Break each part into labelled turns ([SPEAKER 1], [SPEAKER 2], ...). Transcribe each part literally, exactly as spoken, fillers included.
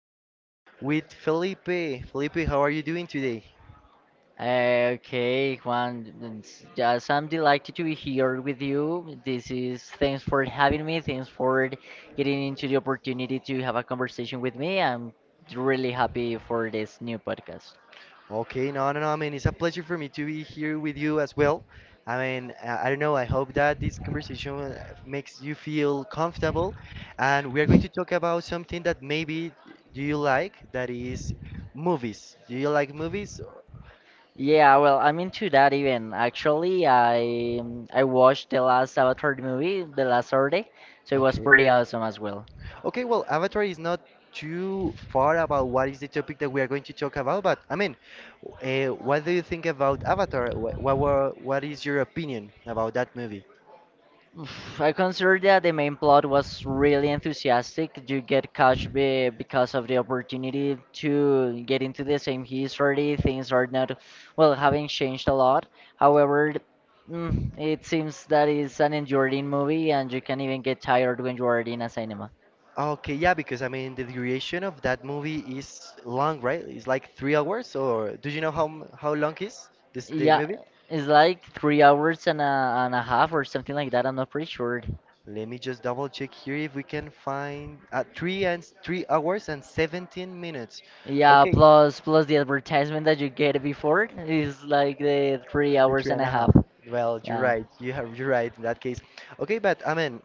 [SPEAKER 1] here with Felipe. Felipe, how are you doing today?
[SPEAKER 2] Uh, Okay, Juan, it's just I'm delighted to be here with you. This is thanks for having me. Thanks for getting into the opportunity to have a conversation with me. I'm really happy for this new podcast.
[SPEAKER 1] Okay, no, no, no, I mean, it's a pleasure for me to be here with you as well. I mean, I, I don't know, I hope that this conversation uh, makes you feel comfortable. And we are going to talk about something that maybe do you like, that is movies. Do you like movies?
[SPEAKER 2] Yeah, well, I'm into that even. Actually, I I watched the last Avatar movie the last Saturday, so it was
[SPEAKER 1] Okay.
[SPEAKER 2] pretty awesome as well.
[SPEAKER 1] Okay, well, Avatar is not too far about what is the topic that we are going to talk about, but I mean, uh, what do you think about Avatar? What, what, what is your opinion about that movie?
[SPEAKER 2] Oof, I consider that the main plot was really enthusiastic. You get catch be- because of the opportunity to get into the same history. Things are not, well, having changed a lot. However, mm, it seems that it's an enduring movie and you can even get tired when you are in a cinema.
[SPEAKER 1] Okay, yeah, because I mean, the duration of that movie is long, right? It's like three hours, or do you know how m- how long is this the
[SPEAKER 2] Yeah,
[SPEAKER 1] movie?
[SPEAKER 2] it's like three hours and a, and a half or something like that. I'm not pretty sure.
[SPEAKER 1] Let me just double check here if we can find uh, three and s- three hours and seventeen minutes.
[SPEAKER 2] Yeah,
[SPEAKER 1] Okay,
[SPEAKER 2] plus plus the advertisement that you get before is like the three
[SPEAKER 1] the
[SPEAKER 2] hours
[SPEAKER 1] three
[SPEAKER 2] and
[SPEAKER 1] and
[SPEAKER 2] a
[SPEAKER 1] a
[SPEAKER 2] half.
[SPEAKER 1] half. Well, you're
[SPEAKER 2] Yeah.
[SPEAKER 1] right. You have you're right in that case. Okay, but I mean,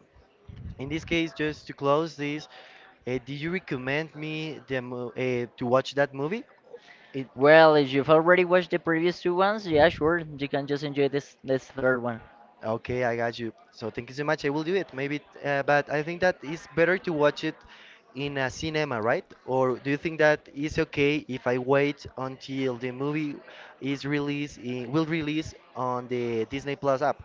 [SPEAKER 1] in this case, just to close this, uh, do you recommend me the mo- uh, to watch that movie? It
[SPEAKER 2] Well, if you've already watched the previous two ones, yeah, sure, you can just enjoy this this third one.
[SPEAKER 1] Okay, I got you. So thank you so much. I will do it. Maybe, uh, but I think that it's better to watch it in a cinema, right? Or do you think that it's okay if I wait until the movie is released, i- will release on the Disney Plus app?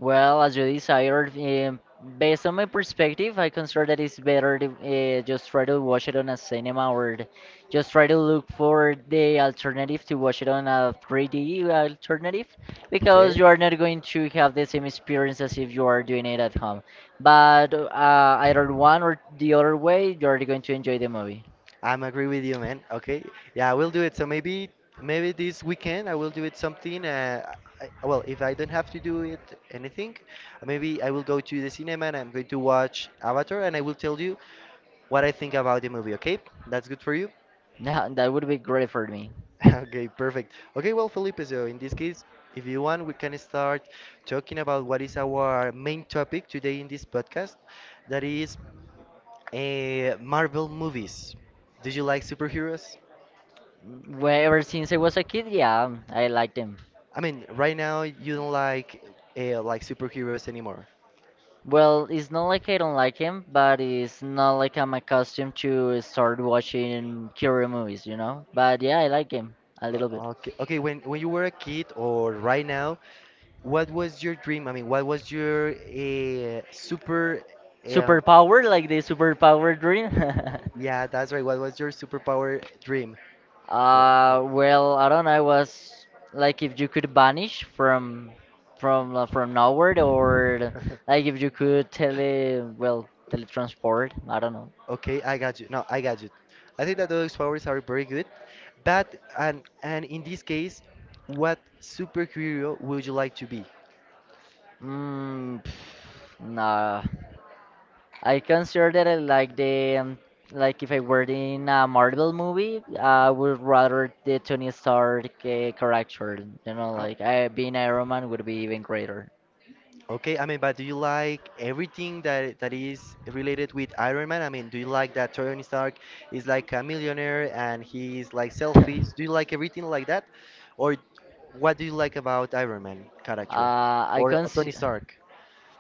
[SPEAKER 2] Well, as you desired, um, based on my perspective, I consider that it's better to uh, just try to watch it on a cinema, or th- just try to look for the alternative to watch it on a three D alternative,
[SPEAKER 1] Okay.
[SPEAKER 2] because you are not going to have the same experience as if you are doing it at home. But uh, either one or the other way, you are going to enjoy the movie.
[SPEAKER 1] I'm agree with you, man. Okay. Yeah, I will do it. So maybe maybe this weekend I will do it something. Uh, I, well, if I don't have to do it anything, maybe I will go to the cinema and I'm going to watch Avatar and I will tell you what I think about the movie, okay? That's good for you?
[SPEAKER 2] That, that would be great for me.
[SPEAKER 1] Okay, perfect. Okay, well, Felipe, so in this case, if you want, we can start talking about what is our main topic today in this podcast, that is uh, Marvel movies. Do you like superheroes?
[SPEAKER 2] Well, ever since I was a kid, yeah, I liked him.
[SPEAKER 1] I mean, right now you don't like uh, like superheroes anymore.
[SPEAKER 2] Well, it's not like I don't like him, but it's not like I'm accustomed to start watching Curio movies, you know? But yeah, I like him a little bit.
[SPEAKER 1] Uh, okay, okay. When when you were a kid or right now, what was your dream? I mean, what was your uh, super um,
[SPEAKER 2] Superpower, like the superpower dream?
[SPEAKER 1] Yeah, that's right. What was your superpower dream? Wha-
[SPEAKER 2] Uh, well, I don't know, I was like if you could vanish from from uh, from nowhere, or like if you could tele well, teletransport, I don't know.
[SPEAKER 1] Okay, I got you. No, I got you. I think that those powers are very good. But and and in this case, what superhero would you like to be?
[SPEAKER 2] Mm, pff, nah. I consider that I like the um, like if I were in a Marvel movie, I would rather the Tony Stark uh, character. You know,
[SPEAKER 1] Oh,
[SPEAKER 2] like I being Iron Man would be even greater.
[SPEAKER 1] okay, I mean, but do you like everything that that is related with Iron Man? I mean, do you like that Tony Stark is like a millionaire and he is like
[SPEAKER 2] uh,
[SPEAKER 1] selfish? Do you like everything like that? Or what do you like about Iron Man character
[SPEAKER 2] I
[SPEAKER 1] or Tony
[SPEAKER 2] consider.
[SPEAKER 1] Stark?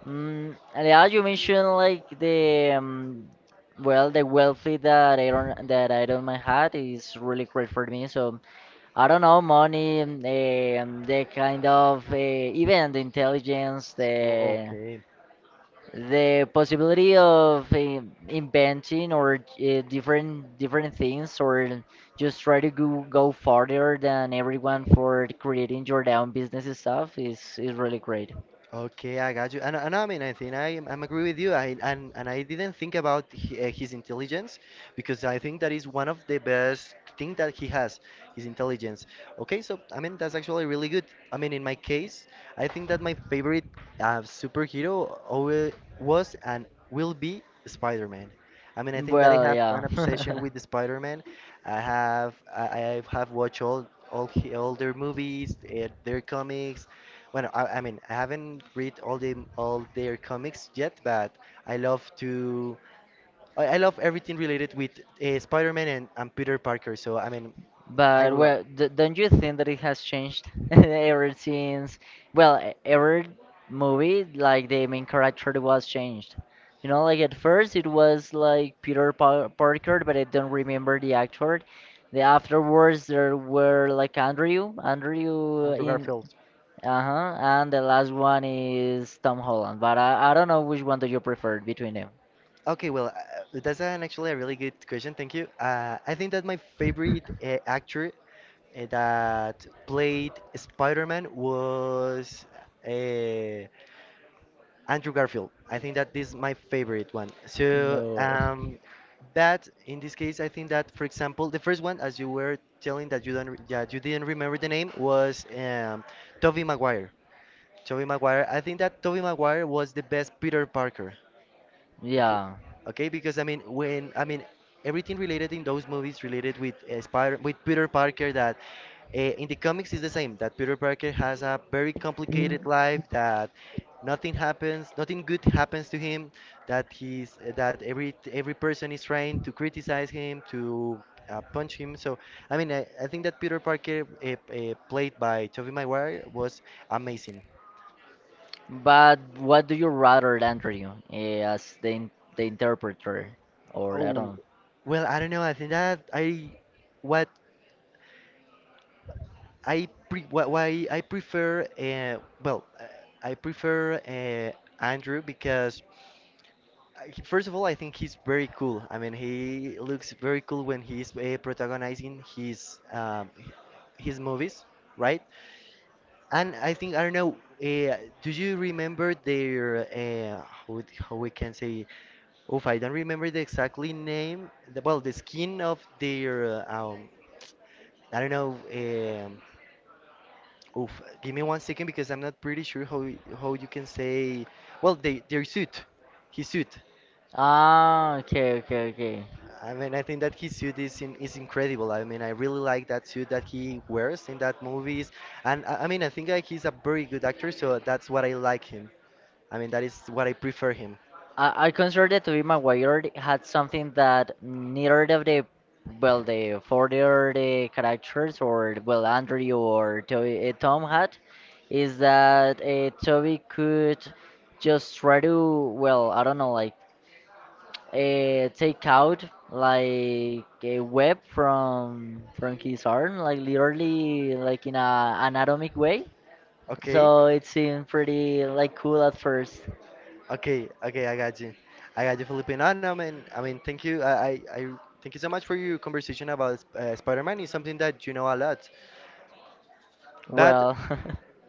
[SPEAKER 2] Mm, and yeah, you mentioned like the um, well, the wealthy that Iron that Iron Man had is really great for me. So I don't know, money, um, the, um, the kind of uh, even the intelligence,
[SPEAKER 1] Well,
[SPEAKER 2] the
[SPEAKER 1] okay,
[SPEAKER 2] the possibility of um, inventing or uh, different different things, or just try to go, go farther than everyone for creating your own business stuff is is really great.
[SPEAKER 1] okay, I got you. And, and I mean, I think I am- I'm agree with you. I and, and I didn't think about hi- uh, his intelligence because I think that is one of the best thing that he has, his intelligence. Okay, so I mean that's actually really good. I mean, in my case, I think that my favorite uh, superhero always was and will be Spider-Man. I mean, I think that I
[SPEAKER 2] Well,
[SPEAKER 1] have
[SPEAKER 2] yeah.
[SPEAKER 1] an obsession with the Spider-Man. I have I, I have watched all all, he- all their movies, uh, their comics. Well, I, I mean, I haven't read all the all their comics yet, but I love to I, I love everything related with uh, Spider-Man and, and Peter Parker. So I mean, I
[SPEAKER 2] But
[SPEAKER 1] love
[SPEAKER 2] well, d don't you think that it has changed ever since? Well, e- every movie, like the main character was changed. You know, like at first it was like Peter Pa- Parker, but I don't remember the actor. The afterwards there were like Andrew, Andrew
[SPEAKER 1] Andrew
[SPEAKER 2] in.
[SPEAKER 1] Garfield.
[SPEAKER 2] Uh-huh, and the last one is Tom Holland. But I, I don't know which one do you prefer between them.
[SPEAKER 1] Okay, well, uh, that's an actually a really good question. Thank you. Uh, I think that my favorite uh, actor uh, that played Spider-Man was uh, Andrew Garfield. I think that this is my favorite one. So,
[SPEAKER 2] No.
[SPEAKER 1] um, but in this case, I think that, for example, the first one, as you were telling that you don't, re- that you didn't remember the name, was um, Tobey Maguire. Tobey Maguire. I think that Tobey Maguire was the best Peter Parker. Okay,
[SPEAKER 2] Yeah.
[SPEAKER 1] okay, because I mean, when I mean everything related in those movies related with uh, Spider, with Peter Parker, that Eh, in the comics, is the same that Peter Parker has a very complicated life, that nothing happens, nothing good happens to him, that he's eh, that every every person is trying to criticize him, to uh, punch him. So I mean, I, I think that Peter Parker, uh, uh, played by Tobey Maguire, was amazing.
[SPEAKER 2] But what do you rather, Andrew, eh, as the in the interpreter, or that
[SPEAKER 1] Oh,
[SPEAKER 2] one?
[SPEAKER 1] well, I don't know. I think that I what I pre what why I prefer uh, well uh, I prefer uh, Andrew because I- first of all, I think he's very cool. I mean, he looks very cool when he's uh, protagonizing his um, h- his movies, right? And I think I don't know. Uh, do you remember their uh, how, it- how we can say? Oof, I don't remember the exactly name. The, well, the skin of their, uh, um, I don't know. Um, oof, give me one second because I'm not pretty sure how y- how you can say. Well, they their suit, his suit.
[SPEAKER 2] Ah, okay, okay, okay.
[SPEAKER 1] I mean, I think that his suit is in, is incredible. I mean, I really like that suit that he wears in that movies, and I, I mean, I think like he's a very good actor, so that's what I like him. I mean, that is what I prefer him.
[SPEAKER 2] I, I consider it to be my Wired had something that neither of the well the further the characters, or well Andrew or Toby, uh, Tom had, is that uh, Toby could just try to, well, I don't know, like uh, take out like a web from from his arm, like literally like in a anatomic way.
[SPEAKER 1] Okay,
[SPEAKER 2] So it seemed pretty like cool at first.
[SPEAKER 1] okay, okay. I got you. I got you, Felipe. No, no, man. I mean, thank you. I, I, I thank you so much for your conversation about uh, Spider-Man. It's something that you know a lot. But
[SPEAKER 2] Well.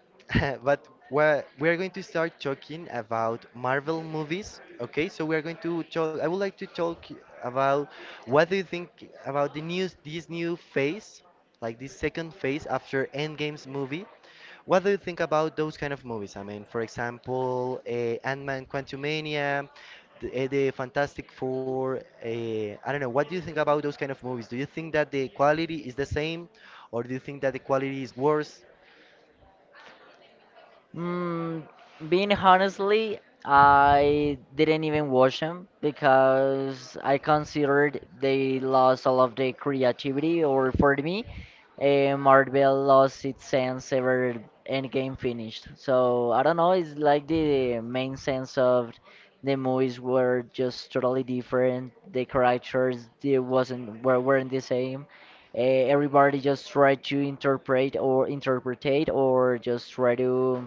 [SPEAKER 1] but we're, we're going to start talking about Marvel movies. Okay, so we are going to talk. I would like to talk about what do you think about the news, this new phase, like this second phase after Endgame's movie. What do you think about those kind of movies? I mean, for example, uh, Ant-Man, Quantumania, the, uh, the Fantastic Four. Uh, I don't know. What do you think about those kind of movies? Do you think that the quality is the same, or do you think that the quality is worse?
[SPEAKER 2] mm, being honestly, I didn't even watch them because I considered they lost all of their creativity, or for me, uh, Marvel lost its sense ever Endgame finished. So I don't know. It's like the main sense of the movies were just totally different. The characters, they wasn't were weren't the same. Uh, everybody just tried to interpret or interpretate, or just try to,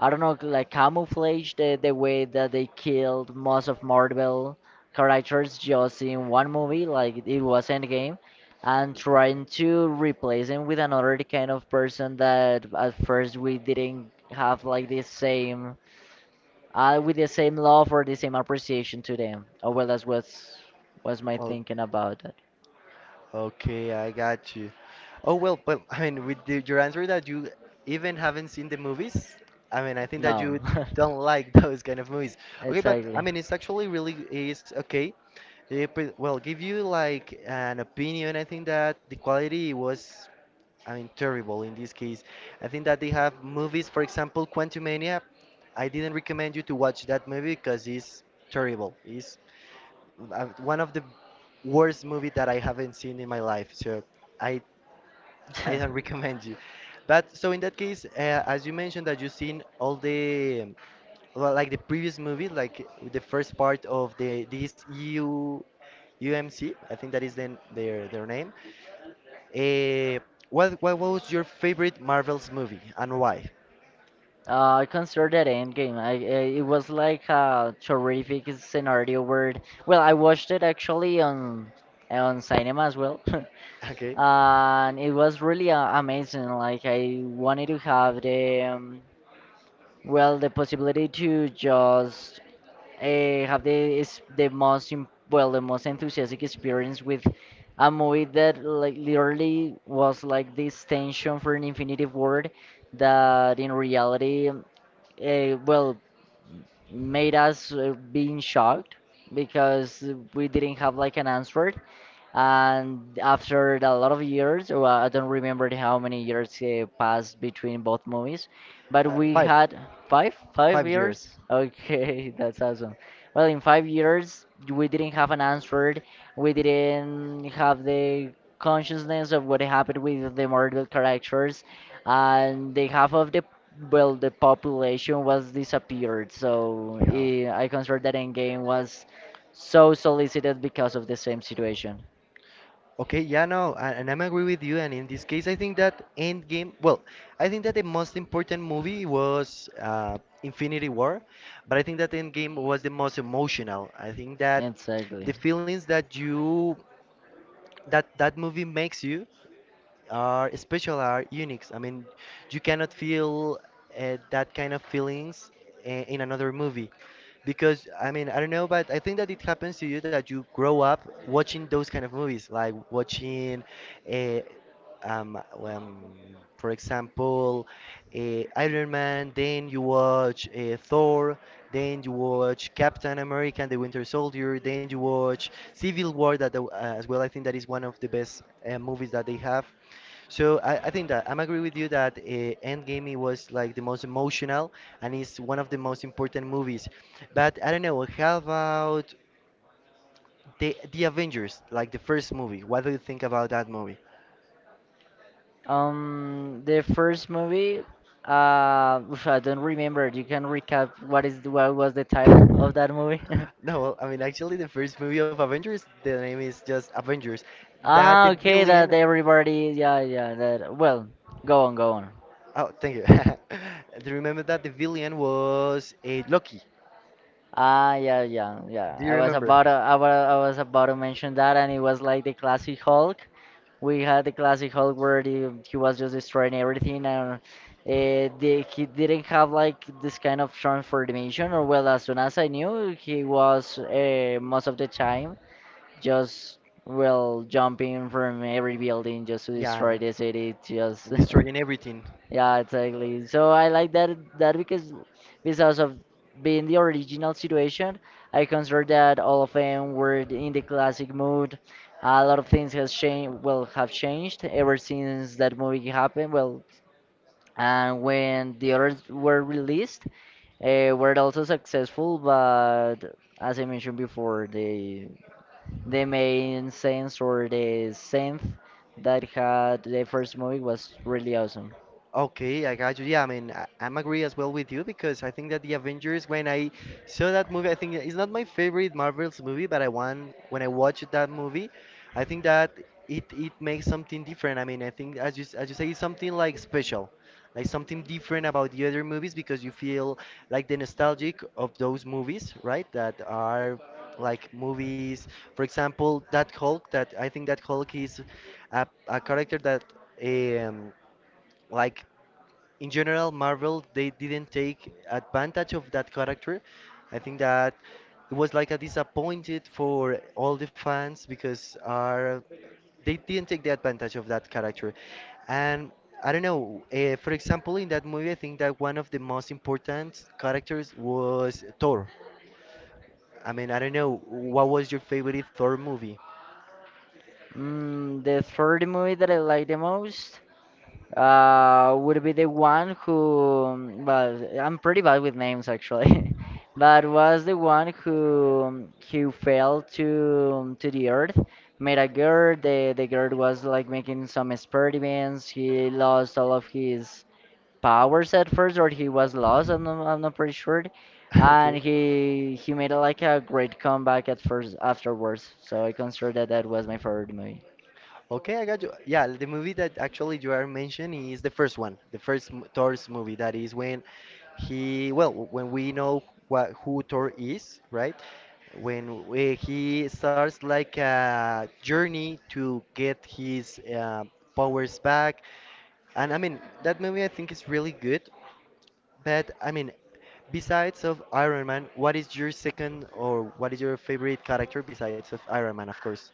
[SPEAKER 2] I don't know, like camouflage the, the way that they killed most of Marvel characters just in one movie, like it was Endgame, and trying to replace him with another kind of person that at first we didn't have like the same, uh, with the same love or the same appreciation to them. Oh well, that's what's was my thinking about it.
[SPEAKER 1] Okay, I got you. Oh well, but I mean, with the, your answer that you even haven't seen the movies, I mean, I think that
[SPEAKER 2] No.
[SPEAKER 1] you don't like those kind of movies. Okay, but I
[SPEAKER 2] Exactly.
[SPEAKER 1] mean, it's actually really is okay. Eh, but, well, give you like an opinion. I think that the quality was, I mean, terrible in this case. I think that they have movies, for example, Quantumania. I didn't recommend you to watch that movie because it's terrible. It's uh, one of the worst movie that I haven't seen in my life. So I I don't recommend you. But so in that case, uh, as you mentioned that you've seen all the um, well, like the previous movie, like the first part of the this E U U M C, I think that is then their their name. Uh, what what was your favorite Marvel's movie and why?
[SPEAKER 2] Uh, I consider that Endgame. I, I it was like a terrific scenario where, well, I watched it actually on on cinema as well.
[SPEAKER 1] Okay,
[SPEAKER 2] And it was really uh, amazing. Like I wanted to have the um, well the possibility to just uh, have the is the most im- well the most enthusiastic experience with a movie that like literally was like this tension for an infinitive word that in reality uh, well made us uh, being shocked, because we didn't have like an answer. And after a lot of years, or I don't remember how many years uh, passed between both movies, but
[SPEAKER 1] uh,
[SPEAKER 2] we
[SPEAKER 1] five
[SPEAKER 2] had five five
[SPEAKER 1] five years.
[SPEAKER 2] years. Okay. That's awesome. Well, in five years we didn't have an answer. We didn't have the consciousness of what happened with the murder characters, and the half of the, well, the population was disappeared. So eh, I consider that Endgame was so solicited because of the same situation.
[SPEAKER 1] Okay, yeah, no, and, and I'm agree with you. And in this case, I think that Endgame, well, I think that the most important movie was uh, Infinity War, but I think that Endgame was the most emotional. I think that the
[SPEAKER 2] Exactly.
[SPEAKER 1] feelings that you that that movie makes you are special, are unique. I mean, you cannot feel uh, that kind of feelings in, in another movie. Because, I mean, I don't know, but I think that it happens to you that you grow up watching those kind of movies, like watching, uh, um, um, for example, uh, Iron Man, then you watch uh, Thor, then you watch Captain America and the Winter Soldier, then you watch Civil War, that the- uh, as well I think that is one of the best uh, movies that they have. So I, I think that I'm agree with you that uh, Endgame it was like the most emotional and it's one of the most important movies. But I don't know, how about the the Avengers, like the first movie? What do you think about that movie?
[SPEAKER 2] Um, the first movie, uh, oof, I don't remember. You can recap what is what was the title of that movie?
[SPEAKER 1] No, well, I mean actually the first movie of Avengers, the name is just Avengers. That
[SPEAKER 2] Ah,
[SPEAKER 1] the
[SPEAKER 2] okay,
[SPEAKER 1] villain,
[SPEAKER 2] that everybody, yeah, yeah, that. Well, go on, go on.
[SPEAKER 1] oh, thank you. Do you remember that the villain was a Loki?
[SPEAKER 2] Ah, yeah, yeah, yeah.
[SPEAKER 1] Do you
[SPEAKER 2] I was
[SPEAKER 1] remember?
[SPEAKER 2] about to, I was, I was about to mention that, and it was like the classic Hulk. We had the classic Hulk where the, he was just destroying everything, and uh, the, he didn't have like this kind of transformation, or, well, as soon as I knew, he was uh, most of the time just, well, jumping from every building just to destroy
[SPEAKER 1] Yeah,
[SPEAKER 2] the city just.
[SPEAKER 1] destroying everything.
[SPEAKER 2] Yeah, exactly. So I like that that, because because of being the original situation, I consider that all of them were in the classic mood. A lot of things has changed, well, have changed ever since that movie happened. Well, and when the others were released, uh, were also successful, but as I mentioned before, the the main sense, or the sense that had the first movie, was really awesome.
[SPEAKER 1] Okay, I got you. Yeah, I mean, I, I'm agree as well with you because I think that the Avengers, when I saw that movie, I think it's not my favorite Marvel's movie, but I want when I watched that movie, I think that it it makes something different. I mean, I think as you s- as you say, it's something like special, like something different about the other movies because you feel like the nostalgic of those movies, right? That are like movies, for example, that Hulk. That I think that Hulk is a, a character that um like in general, Marvel they didn't take advantage of that character. I think that it was like a disappointed for all the fans because our they didn't take the advantage of that character. And I don't know. Uh, for example, in that movie, I think that one of the most important characters was Thor. I mean, I don't know. What was your favorite Thor movie?
[SPEAKER 2] Mm, the third movie that I like the most uh, would be the one who, well, I'm pretty bad with names actually, but was the one who who fell to to the earth, made a girl. The the girl was like making some experiments. He lost all of his powers at first, or he was lost. I'm not, I'm not pretty sure. And
[SPEAKER 1] Okay.
[SPEAKER 2] he he made like a great comeback at first afterwards. So I consider that that was my favorite movie.
[SPEAKER 1] Okay, I got you. Yeah, the movie that actually you are mentioning is the first one, the first m- Thor's movie. That is when he, well, when we know what who Thor is, right? When we, he starts like a journey to get his uh, powers back, and I mean that movie I think is really good. But I mean, besides of Iron Man, what is your second or what is your favorite character besides of Iron Man, of course,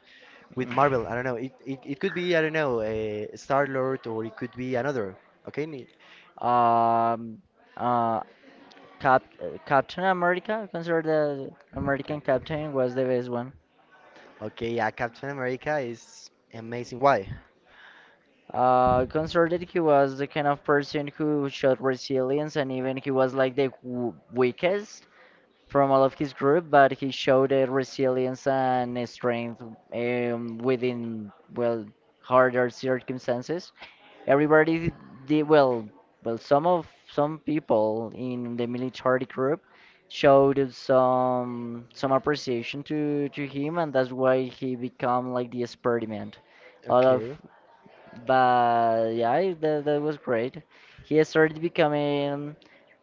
[SPEAKER 1] with
[SPEAKER 2] Mm.
[SPEAKER 1] Marvel? I don't know. It it, it could be, I don't know, a Star Lord or it could be another. Okay, Ni-
[SPEAKER 2] Um, uh, Cap Captain America, considered the American
[SPEAKER 1] Cap.
[SPEAKER 2] Captain, was the best one.
[SPEAKER 1] Okay, yeah, Captain America is amazing. Why?
[SPEAKER 2] Uh, considered he was the kind of person who showed resilience, and even he was like the w weakest from all of his group, but he showed a resilience and a strength um, within, well, harder circumstances. Everybody did well. Well, some of some people in the military group showed some some appreciation to to him, and that's why he become like the experiment. All of,
[SPEAKER 1] Okay,
[SPEAKER 2] but yeah, that, that was great. He started becoming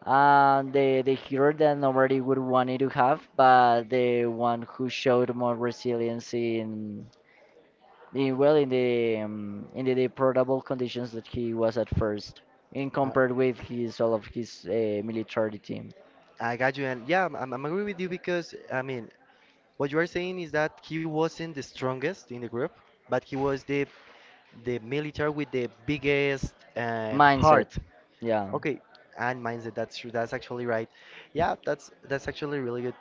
[SPEAKER 2] uh, the the hero that nobody would want it to have, but the one who showed more resilience in in, well in the um, in the deplorable conditions that he was at first in,
[SPEAKER 1] uh,
[SPEAKER 2] compared with his all of his uh, military team.
[SPEAKER 1] I got you, and yeah, I'm, I'm I'm agree with you because I mean, what you are saying is that he wasn't the strongest in the group, but he was the the military with the biggest uh,
[SPEAKER 2] Mindset.
[SPEAKER 1] heart.
[SPEAKER 2] Yeah.
[SPEAKER 1] Okay, and mindset. That's true. That's actually right. Yeah, that's that's actually really good.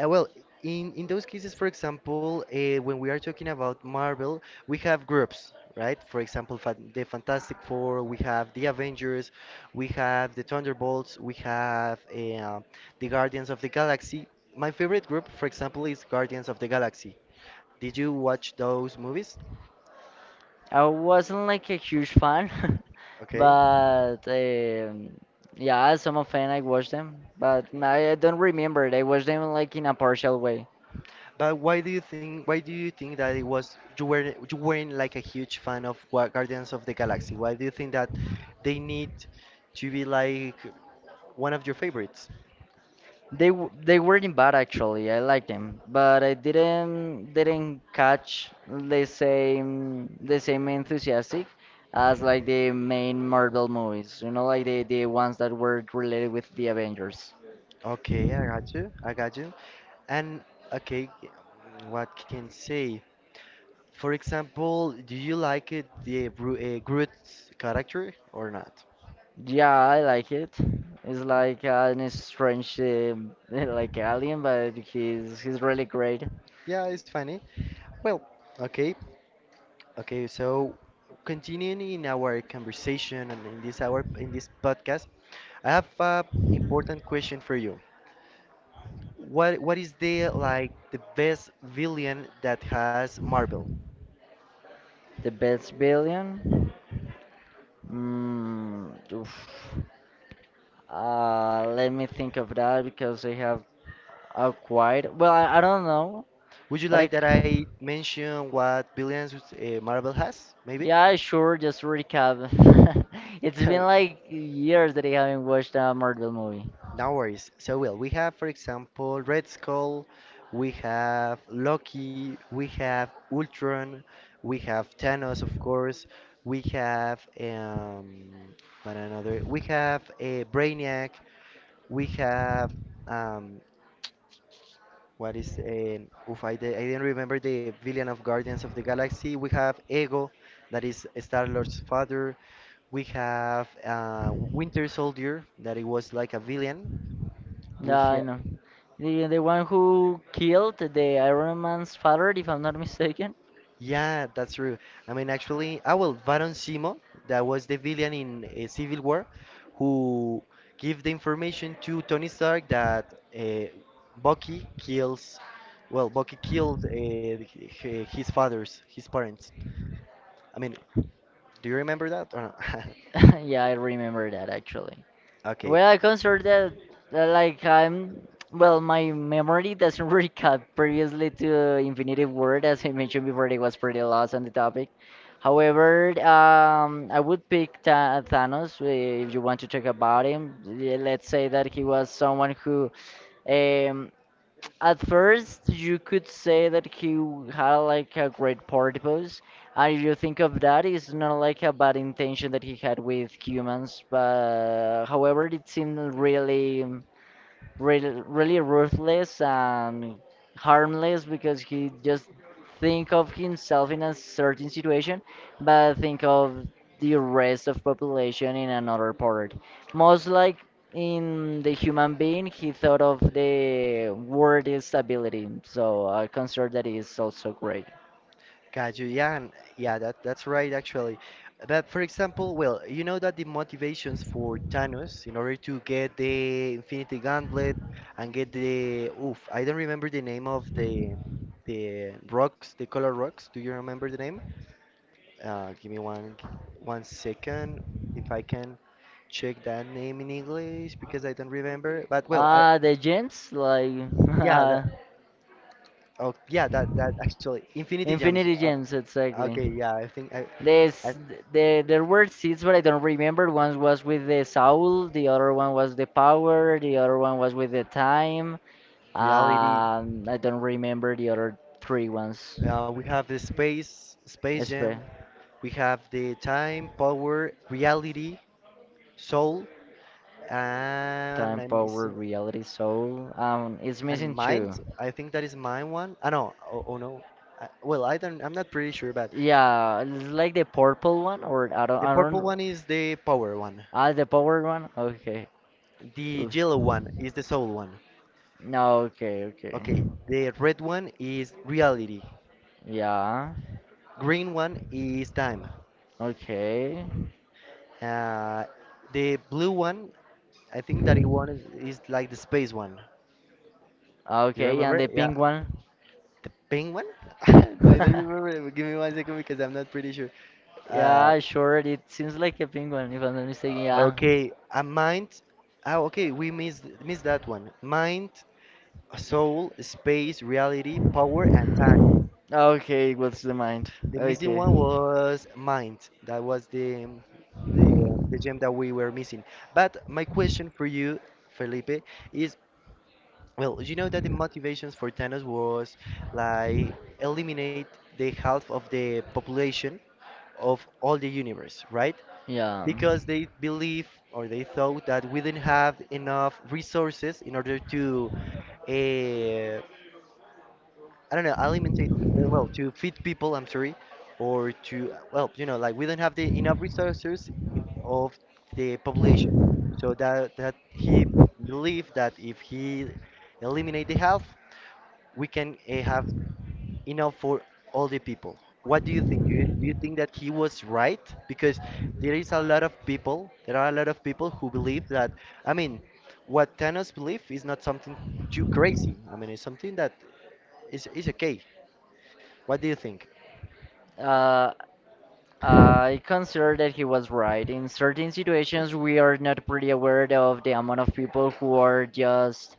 [SPEAKER 1] Uh, well, in in those cases, for example, uh, when we are talking about Marvel, we have groups, right? For example, fan the Fantastic Four, we have the Avengers, we have the Thunderbolts, we have uh, the Guardians of the Galaxy. My favorite group, for example, is Guardians of the Galaxy. Did you watch those movies?
[SPEAKER 2] I wasn't like a huge fan
[SPEAKER 1] Okay.
[SPEAKER 2] but um, yeah, as some fan I watched them, but i I don't remember it. I watched them like in a partial way.
[SPEAKER 1] But why do you think why do you think that it was you were you weren't like a huge fan of Gua- Guardians of the Galaxy? Why do you think that they need to be like one of your favorites?
[SPEAKER 2] They w- they weren't bad actually. I liked them, but I didn't didn't catch the same the same enthusiastic as like the main Marvel movies. You know, like the the ones that were related with the Avengers.
[SPEAKER 1] Okay, I got you. I got you. And okay, what can say? For example, do you like it the Bru- uh, Groot's character or not?
[SPEAKER 2] Yeah, I like it. It's
[SPEAKER 1] Yeah,
[SPEAKER 2] like an strange uh, like alien, but he's he's really great.
[SPEAKER 1] yeah, it's funny. Well, okay. Okay, so continuing in our conversation and in this hour in this podcast, I have a important question for you. What what is the like the best villain that has Marvel?
[SPEAKER 2] The best villain. Mm, oof. Uh, let me think of that, because I have. Uh, quite. Well, I, I don't know,
[SPEAKER 1] Would you
[SPEAKER 2] but I,
[SPEAKER 1] like that
[SPEAKER 2] c-
[SPEAKER 1] I mention what villains uh, Marvel has? Maybe.
[SPEAKER 2] yeah, sure. Just to recap. It's been like years that I haven't watched a Marvel movie.
[SPEAKER 1] No worries. So, well, we have, for example, Red Skull, we have Loki, we have Ultron, we have Thanos, of course, we have um, one another, we have a Brainiac, we have um, what is um oof, I, di- I didn't remember the villain of Guardians of the Galaxy. We have Ego, that is Star Lord's father. We have uh, Winter Soldier, that it was like a villain.
[SPEAKER 2] Yeah,
[SPEAKER 1] We ha
[SPEAKER 2] I know. The the one who killed the Iron Man's father, if I'm not mistaken.
[SPEAKER 1] Yeah, that's true. I mean, actually, ah, well, Baron Simo, that was the villain in uh, Civil War, who gave the information to Tony Stark that uh, Bucky kills, well, Bucky killed uh, h- his fathers, his parents. I mean, do you remember that or not?
[SPEAKER 2] Yeah, I remember that actually.
[SPEAKER 1] Okay.
[SPEAKER 2] Well, I consider that, that, like, I'm. Well, my memory doesn't recap previously to Infinity War, as I mentioned before. It was pretty lost on the topic. However, um, I would pick Tha- Thanos eh, if you want to talk about him. Yeah, let's say that he was someone who, um, at first, you could say that he w- had like a great purpose, and if you think of that, it's not like a bad intention that he had with humans. But however, it seemed really really, really ruthless and harmless because he just think of himself in a certain situation, but think of the rest of population in another part. Most like in the human being, he thought of the word is stability, so I consider that is also great.
[SPEAKER 1] Got Yeah, and- yeah, that that's right actually. But for example, well, you know that the motivations for Thanos in order to get the Infinity Gauntlet and get the oof, I don't remember the name of the the rocks, the color rocks. Do you remember the name? Uh, give me one one second if I can check that name in English because I don't remember. But well, I
[SPEAKER 2] Ah, the gems, like
[SPEAKER 1] yeah,
[SPEAKER 2] uh,
[SPEAKER 1] that oh yeah, that that actually Infinity Gems.
[SPEAKER 2] infinity
[SPEAKER 1] Uh,
[SPEAKER 2] gems, exactly.
[SPEAKER 1] okay, yeah, I think I.
[SPEAKER 2] This the there were seats, but I don't remember. One was with the soul, the other one was the power, the other one was with the time.
[SPEAKER 1] Reality.
[SPEAKER 2] Um, I don't remember the other three ones.
[SPEAKER 1] Uh, we have the space, Space
[SPEAKER 2] Espe,
[SPEAKER 1] Jam. We have the time, power, reality, soul, and
[SPEAKER 2] time,
[SPEAKER 1] I'm
[SPEAKER 2] power,
[SPEAKER 1] missing
[SPEAKER 2] reality, soul. Um, it's
[SPEAKER 1] and
[SPEAKER 2] missing
[SPEAKER 1] mind.
[SPEAKER 2] two.
[SPEAKER 1] I think that is my one. Ah no, oh, oh no. Uh, well, I don't. I'm not pretty sure, but
[SPEAKER 2] Yeah, it's like the purple one, or I don't,
[SPEAKER 1] the
[SPEAKER 2] I
[SPEAKER 1] purple
[SPEAKER 2] don't.
[SPEAKER 1] one is the power one.
[SPEAKER 2] Ah, the power one. Okay.
[SPEAKER 1] The
[SPEAKER 2] Oof.
[SPEAKER 1] yellow one is the soul one.
[SPEAKER 2] No. Okay. Okay.
[SPEAKER 1] Okay, the red one is reality.
[SPEAKER 2] Yeah.
[SPEAKER 1] Green one is time.
[SPEAKER 2] Okay.
[SPEAKER 1] Uh, the blue one, I think that it one is, is like the space one. Do you
[SPEAKER 2] Okay, and
[SPEAKER 1] remember?
[SPEAKER 2] the
[SPEAKER 1] Yeah,
[SPEAKER 2] pink one.
[SPEAKER 1] the penguin. I don't remember it, but give me one second because I'm not pretty sure. Uh,
[SPEAKER 2] Yeah, sure. It seems like a penguin, if I'm not mistaken. Yeah.
[SPEAKER 1] okay, a mind. Oh, okay, we missed missed that one. Mind, soul, space, reality, power, and time.
[SPEAKER 2] Okay, what's the mind?
[SPEAKER 1] The missing
[SPEAKER 2] Okay.
[SPEAKER 1] one was mind. That was the the the gem that we were missing. But my question for you, Felipe, is well, you know that the motivations for Thanos was like eliminate the half of the population of all the universe, right?
[SPEAKER 2] Yeah.
[SPEAKER 1] Because they believe or they thought that we didn't have enough resources in order to, uh, I don't know, alimentate, uh, well, to feed people, I'm sorry, or to, well, you know, like we don't have the enough resources in, of the population. So that, that he believed that if he eliminate the health, we can uh, have enough for all the people. What do you think? Do you, do you think that he was right? Because there is a lot of people, there are a lot of people who believe that, I mean, what Thanos believe is not something too crazy. I mean, it's something that is, is okay. What do you think?
[SPEAKER 2] Uh, I consider that he was right. In certain situations, we are not pretty aware of the amount of people who are just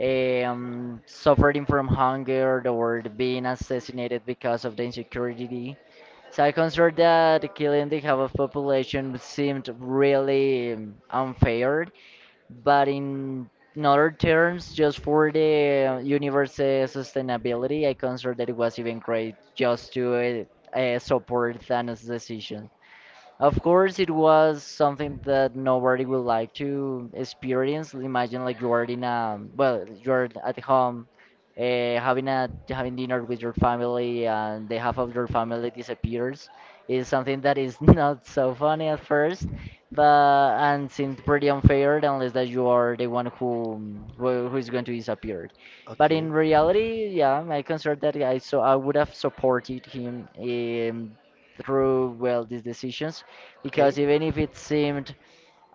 [SPEAKER 2] um, suffering from hunger or being assassinated because of the insecurity. So I consider that killing the half of population seemed really um, unfair, but in in other terms, just for the universe's sustainability, I consider that it was even great just to uh, uh, support Thanos' decision. Of course, it was something that nobody would like to experience. Imagine like you are in a well, you're at home, uh, having a having dinner with your family, and the half of your family disappears. Is something that is not so funny at first, but and seems pretty unfair unless that you are the one who who who is going to disappear. But
[SPEAKER 1] Okay.
[SPEAKER 2] in reality, yeah, I consider that I so I would have supported him in through well these decisions,
[SPEAKER 1] Okay.
[SPEAKER 2] because even if it seemed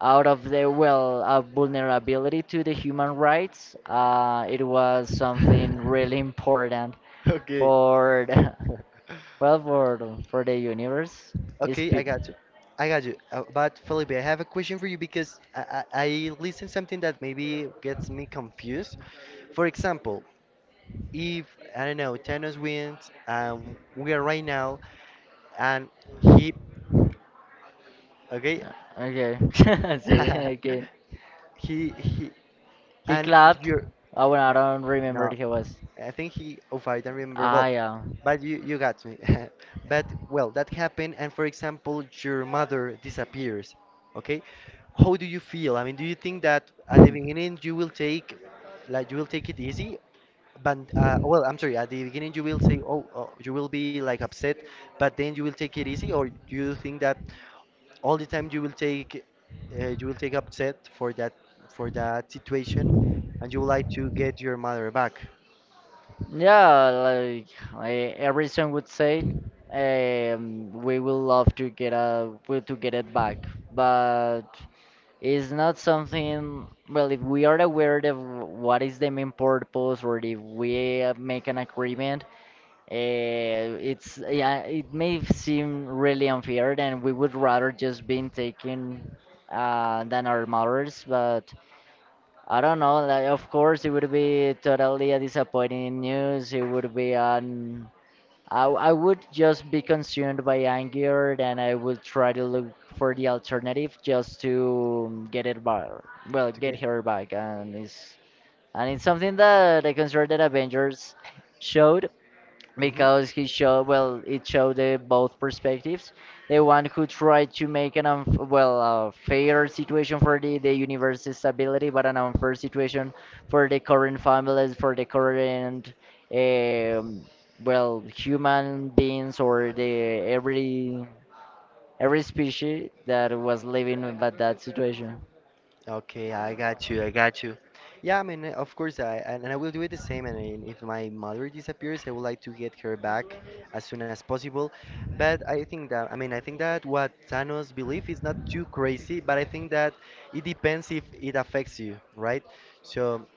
[SPEAKER 2] out of the well a vulnerability to the human rights, uh, it was something really important
[SPEAKER 1] Okay.
[SPEAKER 2] for the, well for the- for the universe. It's
[SPEAKER 1] Okay, I
[SPEAKER 2] peop
[SPEAKER 1] got you. I got you. Uh, but Felipe, I have a question for you because I, I, I listened something that maybe gets me confused. For example, if I don't know Thanos wins, um, we are right now, and he, okay,
[SPEAKER 2] okay, see, okay.
[SPEAKER 1] he he,
[SPEAKER 2] He
[SPEAKER 1] and
[SPEAKER 2] clapped.
[SPEAKER 1] you're
[SPEAKER 2] Oh, well, I
[SPEAKER 1] no,
[SPEAKER 2] don't remember
[SPEAKER 1] no,
[SPEAKER 2] he was.
[SPEAKER 1] I think he. Oh, I don't remember.
[SPEAKER 2] Ah,
[SPEAKER 1] Well,
[SPEAKER 2] yeah,
[SPEAKER 1] but you you got me. But well, that happened, and for example, your mother disappears. Okay, how do you feel? I mean, do you think that at the beginning you will take like you will take it easy, but uh, well, I'm sorry. At the beginning, you will say, "Oh, oh," you will be like upset, but then you will take it easy, or do you think that all the time you will take, uh, you will take upset for that for that situation, and you would like to get your mother back
[SPEAKER 2] hmm, yeah. Like I, every song would say, um, we will love to get a we- to get it back, but it's not something, well, if we are aware of what is the main purpose or if we uh, make an agreement, uh, it's yeah, it may seem really unfair and we would rather just been taken uh, than our mothers, but I don't know. Like, of course, it would be totally a disappointing news. It would be an I, I would just be consumed by anger and I would try to look for the alternative just to get it back. Well,
[SPEAKER 1] to
[SPEAKER 2] get
[SPEAKER 1] get.
[SPEAKER 2] her back. And it's, and it's something that I consider that Avengers showed
[SPEAKER 1] Hmm.
[SPEAKER 2] because he showed well it showed the both perspectives, the one who tried to make an unf- well a fair situation for the, the universe's stability but an unfair situation for the current families for the current um, well human beings or the every every species that was living with that that situation.
[SPEAKER 1] Okay, I got you. I got you. Yeah, I mean, uh, of course, I and and I will do it the same. And then if my mother disappears, I would like to get her back as soon as possible. But I think that, I mean, I think that what Thanos believe is not too crazy, but I think that it depends if it affects you, right? So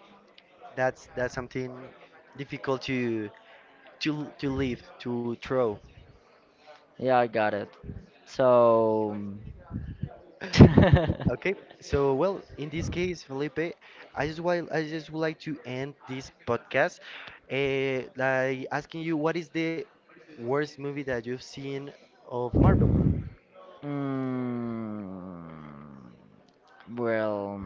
[SPEAKER 1] that's that's something difficult to to to leave to throw.
[SPEAKER 2] Yeah, I got it. So
[SPEAKER 1] Okay, so well, in this case, Felipe, I just while I just would like to end this podcast, uh, like asking you what is the worst movie that you've seen of Marvel?
[SPEAKER 2] mm, well,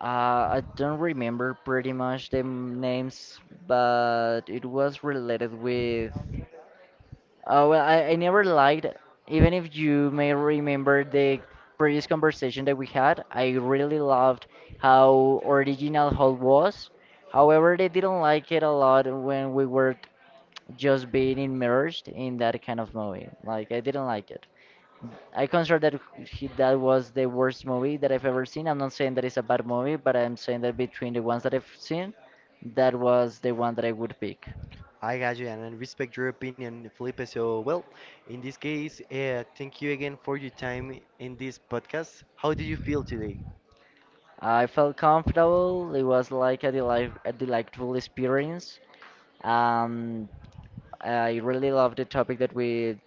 [SPEAKER 2] uh, I don't remember pretty much the m- names, but it was related with. Oh, well, I, I never liked, even if you may remember the previous conversation that we had, I really loved how original Hulk was. However, they didn't like it a lot when we were just being immersed in that kind of movie. Like, I didn't like it. I consider that he, that was the worst movie that I've ever seen. I'm not saying that it's a bad movie, but I'm saying that between the ones that I've seen, that was the one that I would pick.
[SPEAKER 1] I got you, and I respect your opinion, Felipe. So well, in this case, uh, thank you again for your time in this podcast. How do you feel today?
[SPEAKER 2] I felt comfortable. It was like a, delight, a delightful experience. Um, I really love the topic that we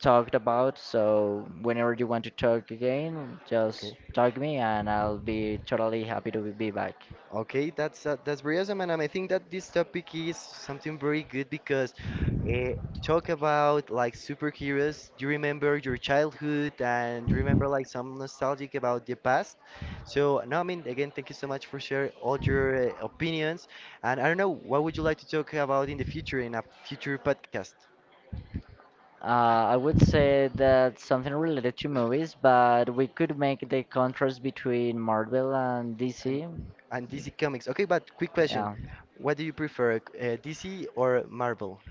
[SPEAKER 2] talked about. So whenever you want to talk again,
[SPEAKER 1] Okay.
[SPEAKER 2] just talk me, and I'll be totally happy to be back.
[SPEAKER 1] Okay, that's uh, that's brilliant, and I think that this topic is something very good because uh, talk about like superheroes. You remember your childhood, and you remember like some nostalgic about the past. So no, I mean again, thank you so much for sharing all your uh, opinions. And I don't know, what would you like to talk about in the future in a future podcast?
[SPEAKER 2] Uh, I would say that something related to movies, but we could make the contrast between Marvel and
[SPEAKER 1] And
[SPEAKER 2] D C.
[SPEAKER 1] and D C Comics. Okay, but quick question:
[SPEAKER 2] Yeah,
[SPEAKER 1] what do you prefer, uh, D C or Marvel?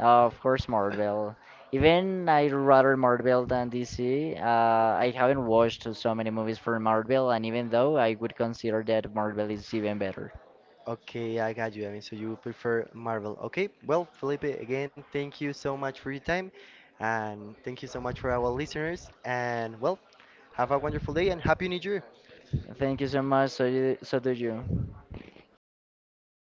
[SPEAKER 2] Uh, of course, Marvel. Even I rather Marvel than D C. Uh, I haven't watched so many movies for Marvel, and even though I would consider that Marvel is even better.
[SPEAKER 1] Okay, I got you. I mean, so you prefer Marvel. Okay, well, Felipe, again, thank you so much for your time. And thank you so much for our listeners. And well, have a wonderful day and Happy New Year.
[SPEAKER 2] Thank you so much. So, you, so do you.